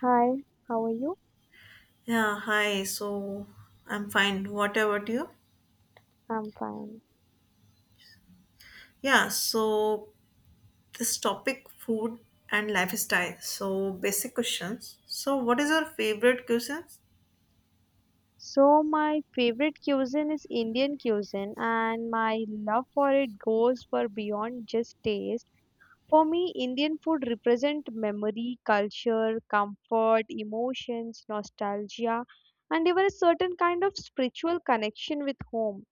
Hi, how are you? Yeah, hi. So I'm fine. What about you? I'm fine. Yeah, so this topic food and lifestyle. So basic questions. So what is your favorite cuisines? So, my favorite cuisine is Indian cuisine, and my love for it goes far beyond just taste. For me, Indian food represents memory, culture, comfort, emotions, nostalgia, and even a certain kind of spiritual connection with home.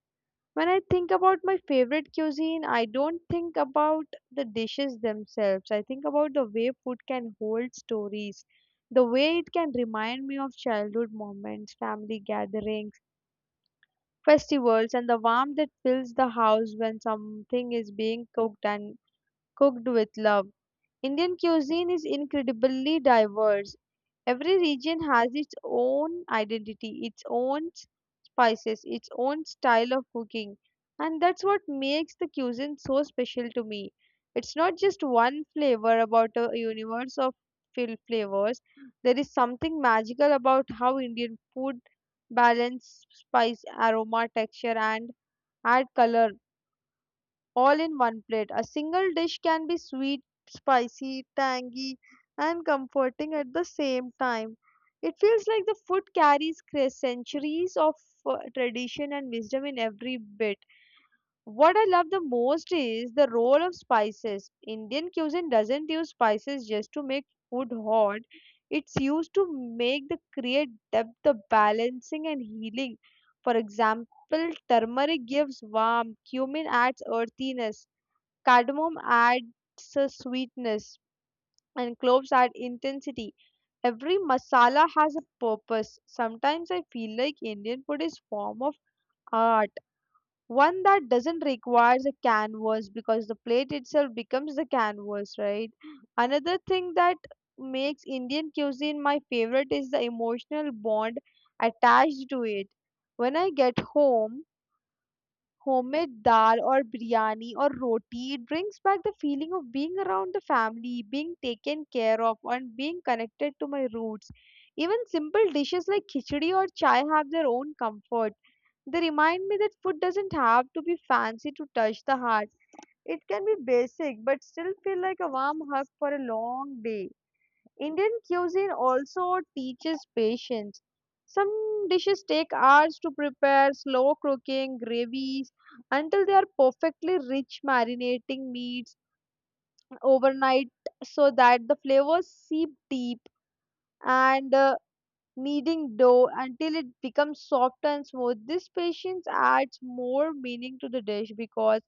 When I think about my favorite cuisine, I don't think about the dishes themselves. I think about the way food can hold stories, the way it can remind me of childhood moments, family gatherings, festivals, and the warmth that fills the house when something is being cooked and cooked with love. Indian cuisine is incredibly diverse. Every region has its own identity, its own spices, its own style of cooking, and that's what makes the cuisine so special to me. It's not just one flavor about a universe of flavors. There is something magical about how Indian food balance spice, aroma, texture, and add color all in one plate. A single dish can be sweet, spicy, tangy, and comforting at the same time. It feels like the food carries centuries of tradition and wisdom in every bit. What I love the most is the role of spices. Indian cuisine doesn't use spices just to make food hot. It's used to make the create depth, the balancing and healing. For example, turmeric gives warmth, cumin adds earthiness, cardamom adds a sweetness and cloves add intensity. Every masala has a purpose. Sometimes I feel like Indian food is form of art, one that doesn't require a canvas because the plate itself becomes the canvas, right? Another thing that makes Indian cuisine my favorite is the emotional bond attached to it. When I get home, homemade dal or biryani or roti, it brings back the feeling of being around the family, being taken care of, and being connected to my roots. Even simple dishes like khichdi or chai have their own comfort. They remind me that food doesn't have to be fancy to touch the heart. It can be basic but still feel like a warm hug for a long day. Indian cuisine also teaches patience. Some dishes take hours to prepare, slow cooking, gravies until they are perfectly rich, marinating meats overnight so that the flavors seep deep. And kneading dough until it becomes soft and smooth. This patience adds more meaning to the dish because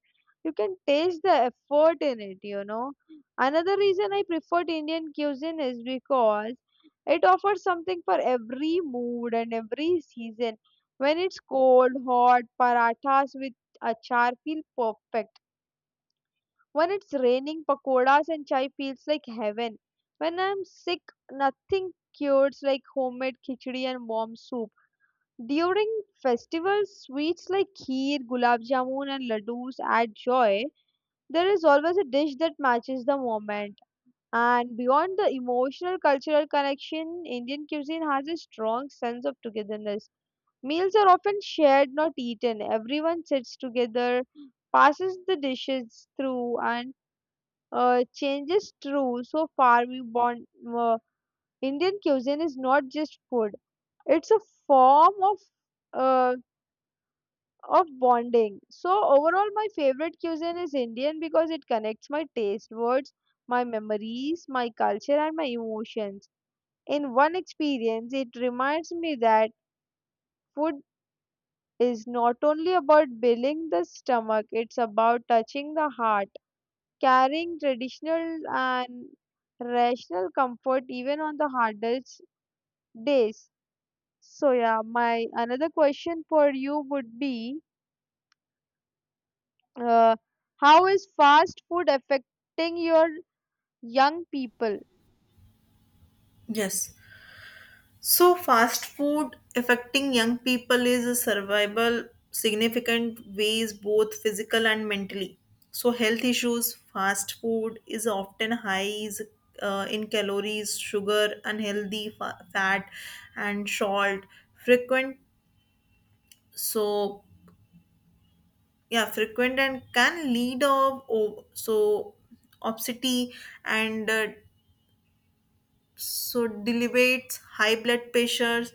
you can taste the effort in it. Another reason I preferred Indian cuisine is because it offers something for every mood and every season. When it's cold, hot, parathas with achar feel perfect when it's raining, pakoras and chai feels like heaven. When I'm sick, nothing cures like homemade khichdi and warm soup. During festivals, sweets like kheer, gulab jamun, and ladoos add joy. There is always a dish that matches the moment. And beyond the emotional cultural connection, Indian cuisine has a strong sense of togetherness. Meals are often shared, not eaten. Everyone sits together, passes the dishes through, and changes true so far we born uh, Indian cuisine is not just food, it's a form of uh, of bonding. So overall, my favorite cuisine is Indian because it connects my taste words, my memories, my culture, and my emotions in one experience. It reminds me that food is not only about filling the stomach, it's about touching the heart, carrying traditional and rational comfort even on the hardest days. So yeah, my another question for you would be, uh, how is fast food affecting your young people? Yes. So fast food affecting young people is a survival significant ways both physical and mentally. So health issues, fast food is often high is, in calories, sugar, unhealthy fat and salt. Frequent, so yeah, frequent and can lead of so obesity and, so delibates, high blood pressures,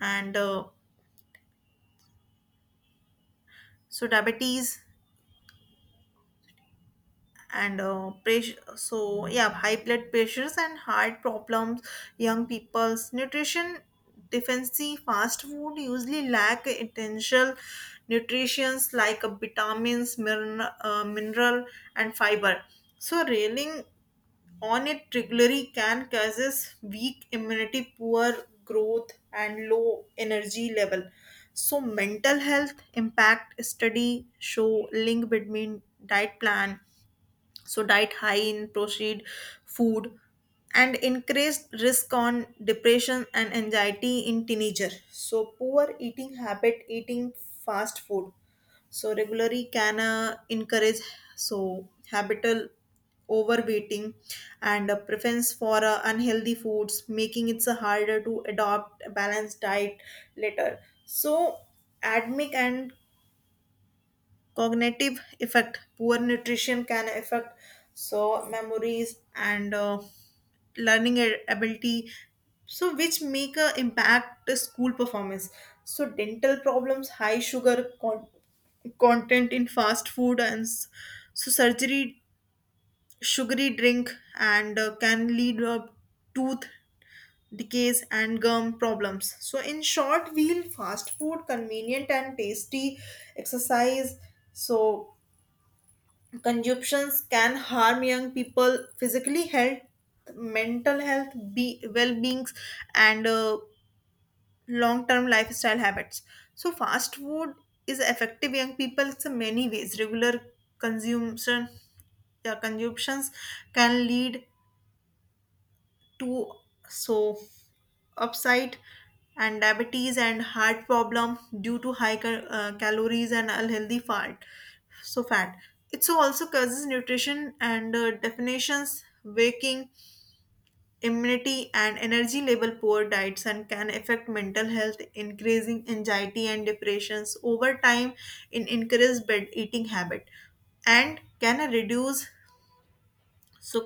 and, so diabetes and, pressure, so yeah, high blood pressures and heart problems. Young people's nutrition deficiency, fast food usually lack essential nutrients like vitamins, mineral, and fiber. So reeling on it regularly can causes weak immunity, poor growth, and low energy level. So mental health impact study show link between diet plan, so diet high in processed food and increased risk on depression and anxiety in teenager. So poor eating habit, eating fast food so regularly can encourage so habitual overweighting and a preference for unhealthy foods, making it so harder to adopt a balanced diet later. So admic and cognitive effect, poor nutrition can affect so memories and learning ability, so which make a impact the school performance. So dental problems, high sugar content in fast food and so surgery, sugary drink, and can lead tooth decays and gum problems. So in short, we'll fast food convenient and tasty exercise. So consumptions can harm young people physically health, mental health, be well-beings, and long-term lifestyle habits. So fast food is effective young people in many ways. Regular consumption, yeah, consumptions can lead too, so upside and diabetes and heart problem due to high calories and unhealthy fat. So fat it, so also causes nutrition and, definitions, waking immunity and energy level. Poor diets and can affect mental health, increasing anxiety and depressions over time in increased bed eating habit and can reduce so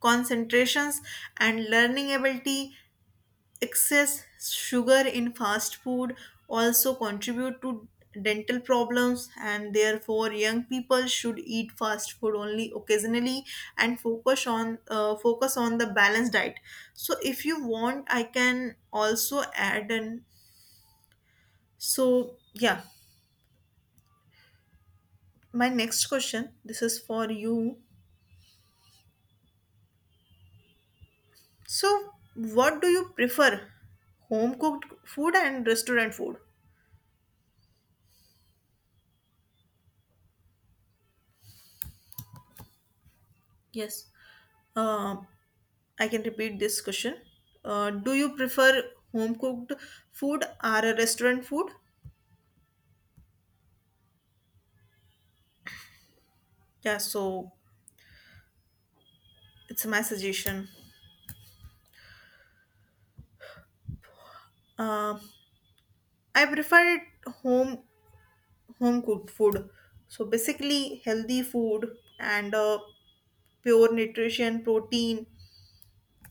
concentrations and learning ability. Excess sugar in fast food also contribute to dental problems, and therefore young people should eat fast food only occasionally and focus on, the balanced diet. So if you want, I can also add an, so yeah, my next question, this is for you. So what do you prefer, home cooked food and restaurant food? Yes. Um I can repeat this question. Do you prefer home cooked food or a restaurant food? Yeah, so it's my suggestion. Uh, I prefer it home home cooked food. So basically, healthy food and, pure nutrition, protein,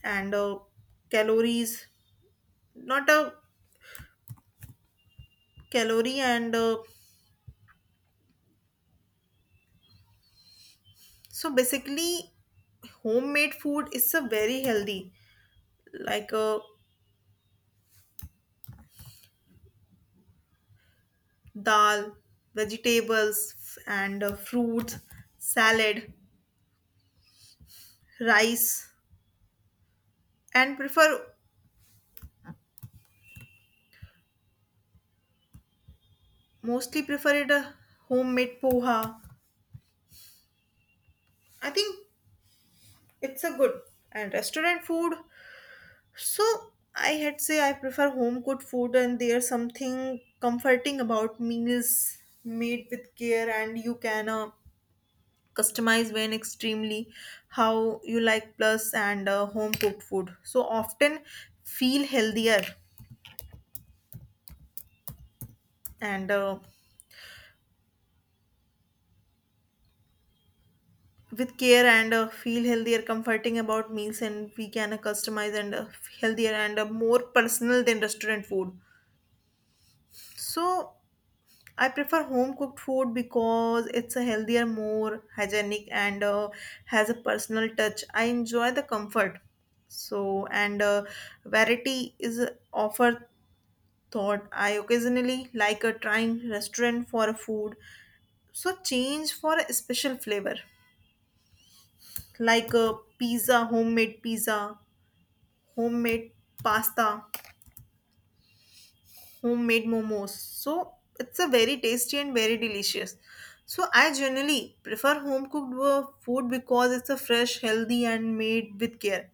and, calories. Not a calorie and, so basically, homemade food is a very healthy, like dal, vegetables, and fruits, salad, rice, and prefer, mostly prefer it a homemade poha. I think it's a good, and restaurant food. So I had say I prefer home cooked food, and there's something comforting about meals made with care, and you can. Customize when extremely how you like, plus and home cooked food so often feel healthier and, with care and, feel healthier, comforting about meals, and we can customize and, healthier and, more personal than restaurant food. So I prefer home cooked food because it's a healthier, more hygienic, and, has a personal touch. I enjoy the comfort so and, variety is a offer, thought I occasionally like a trying restaurant for a food, so change for a special flavor, like a pizza, homemade pasta, homemade momos. So it's a very tasty and very delicious. So I generally prefer home cooked food because it's a fresh, healthy, and made with care.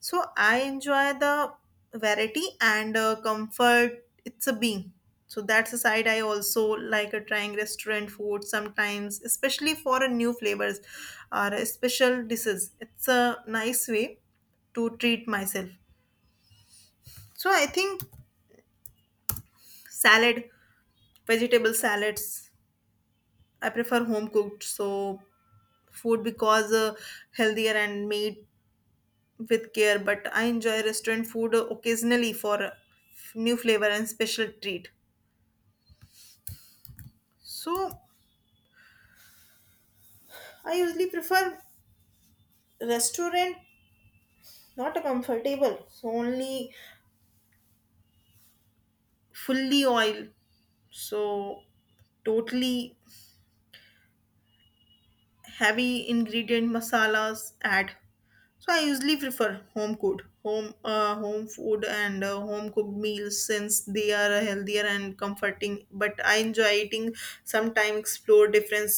So I enjoy the variety and, comfort. It's a being. So that's the side I also like trying restaurant food sometimes, especially for a new flavors or special dishes. It's a nice way to treat myself. So I think salad, vegetable salads. I prefer home cooked so food because, healthier and made with care. But I enjoy restaurant food occasionally for new flavor and special treat. So I usually prefer restaurant, not a comfortable. So only fully oil. So totally heavy ingredient masalas add. So I usually prefer home cooked, home food and, home cooked meals since they are healthier and comforting. But I enjoy eating sometime, explore different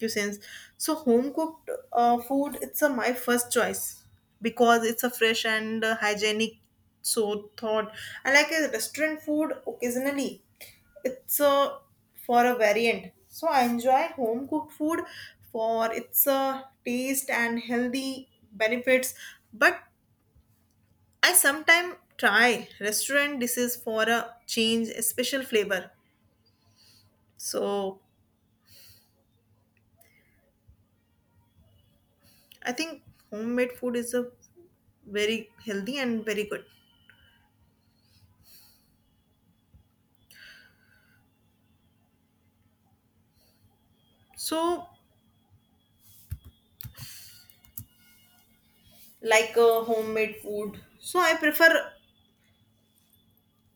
cuisines. So home cooked food, it's a, my first choice because it's a fresh and, hygienic. So thought I like a restaurant food occasionally, it's a for a variant. So I enjoy home cooked food for its taste and healthy benefits, but I sometimes try restaurant dishes for a change, a special flavor. So I think homemade food is a very healthy and very good. So like a homemade food, so I prefer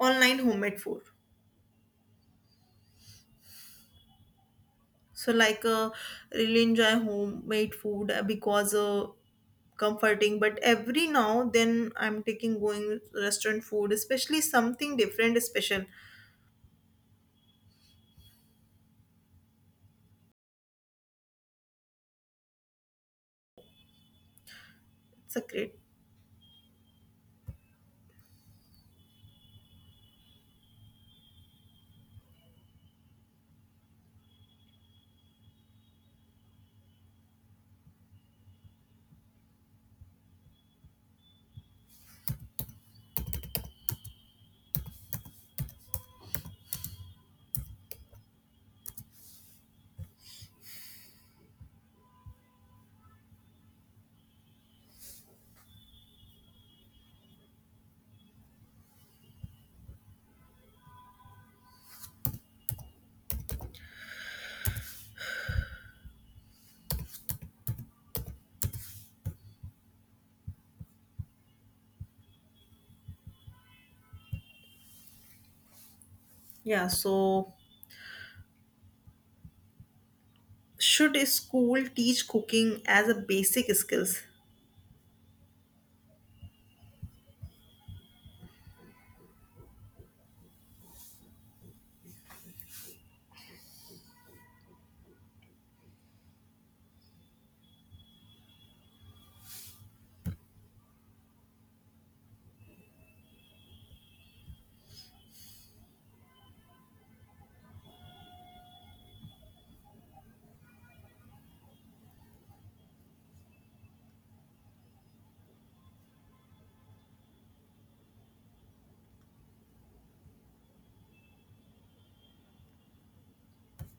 online homemade food. So like, really enjoy homemade food because, comforting. But every now then I'm taking going restaurant food, especially something different, special. It's a great, yeah. So should a school teach cooking as a basic skills?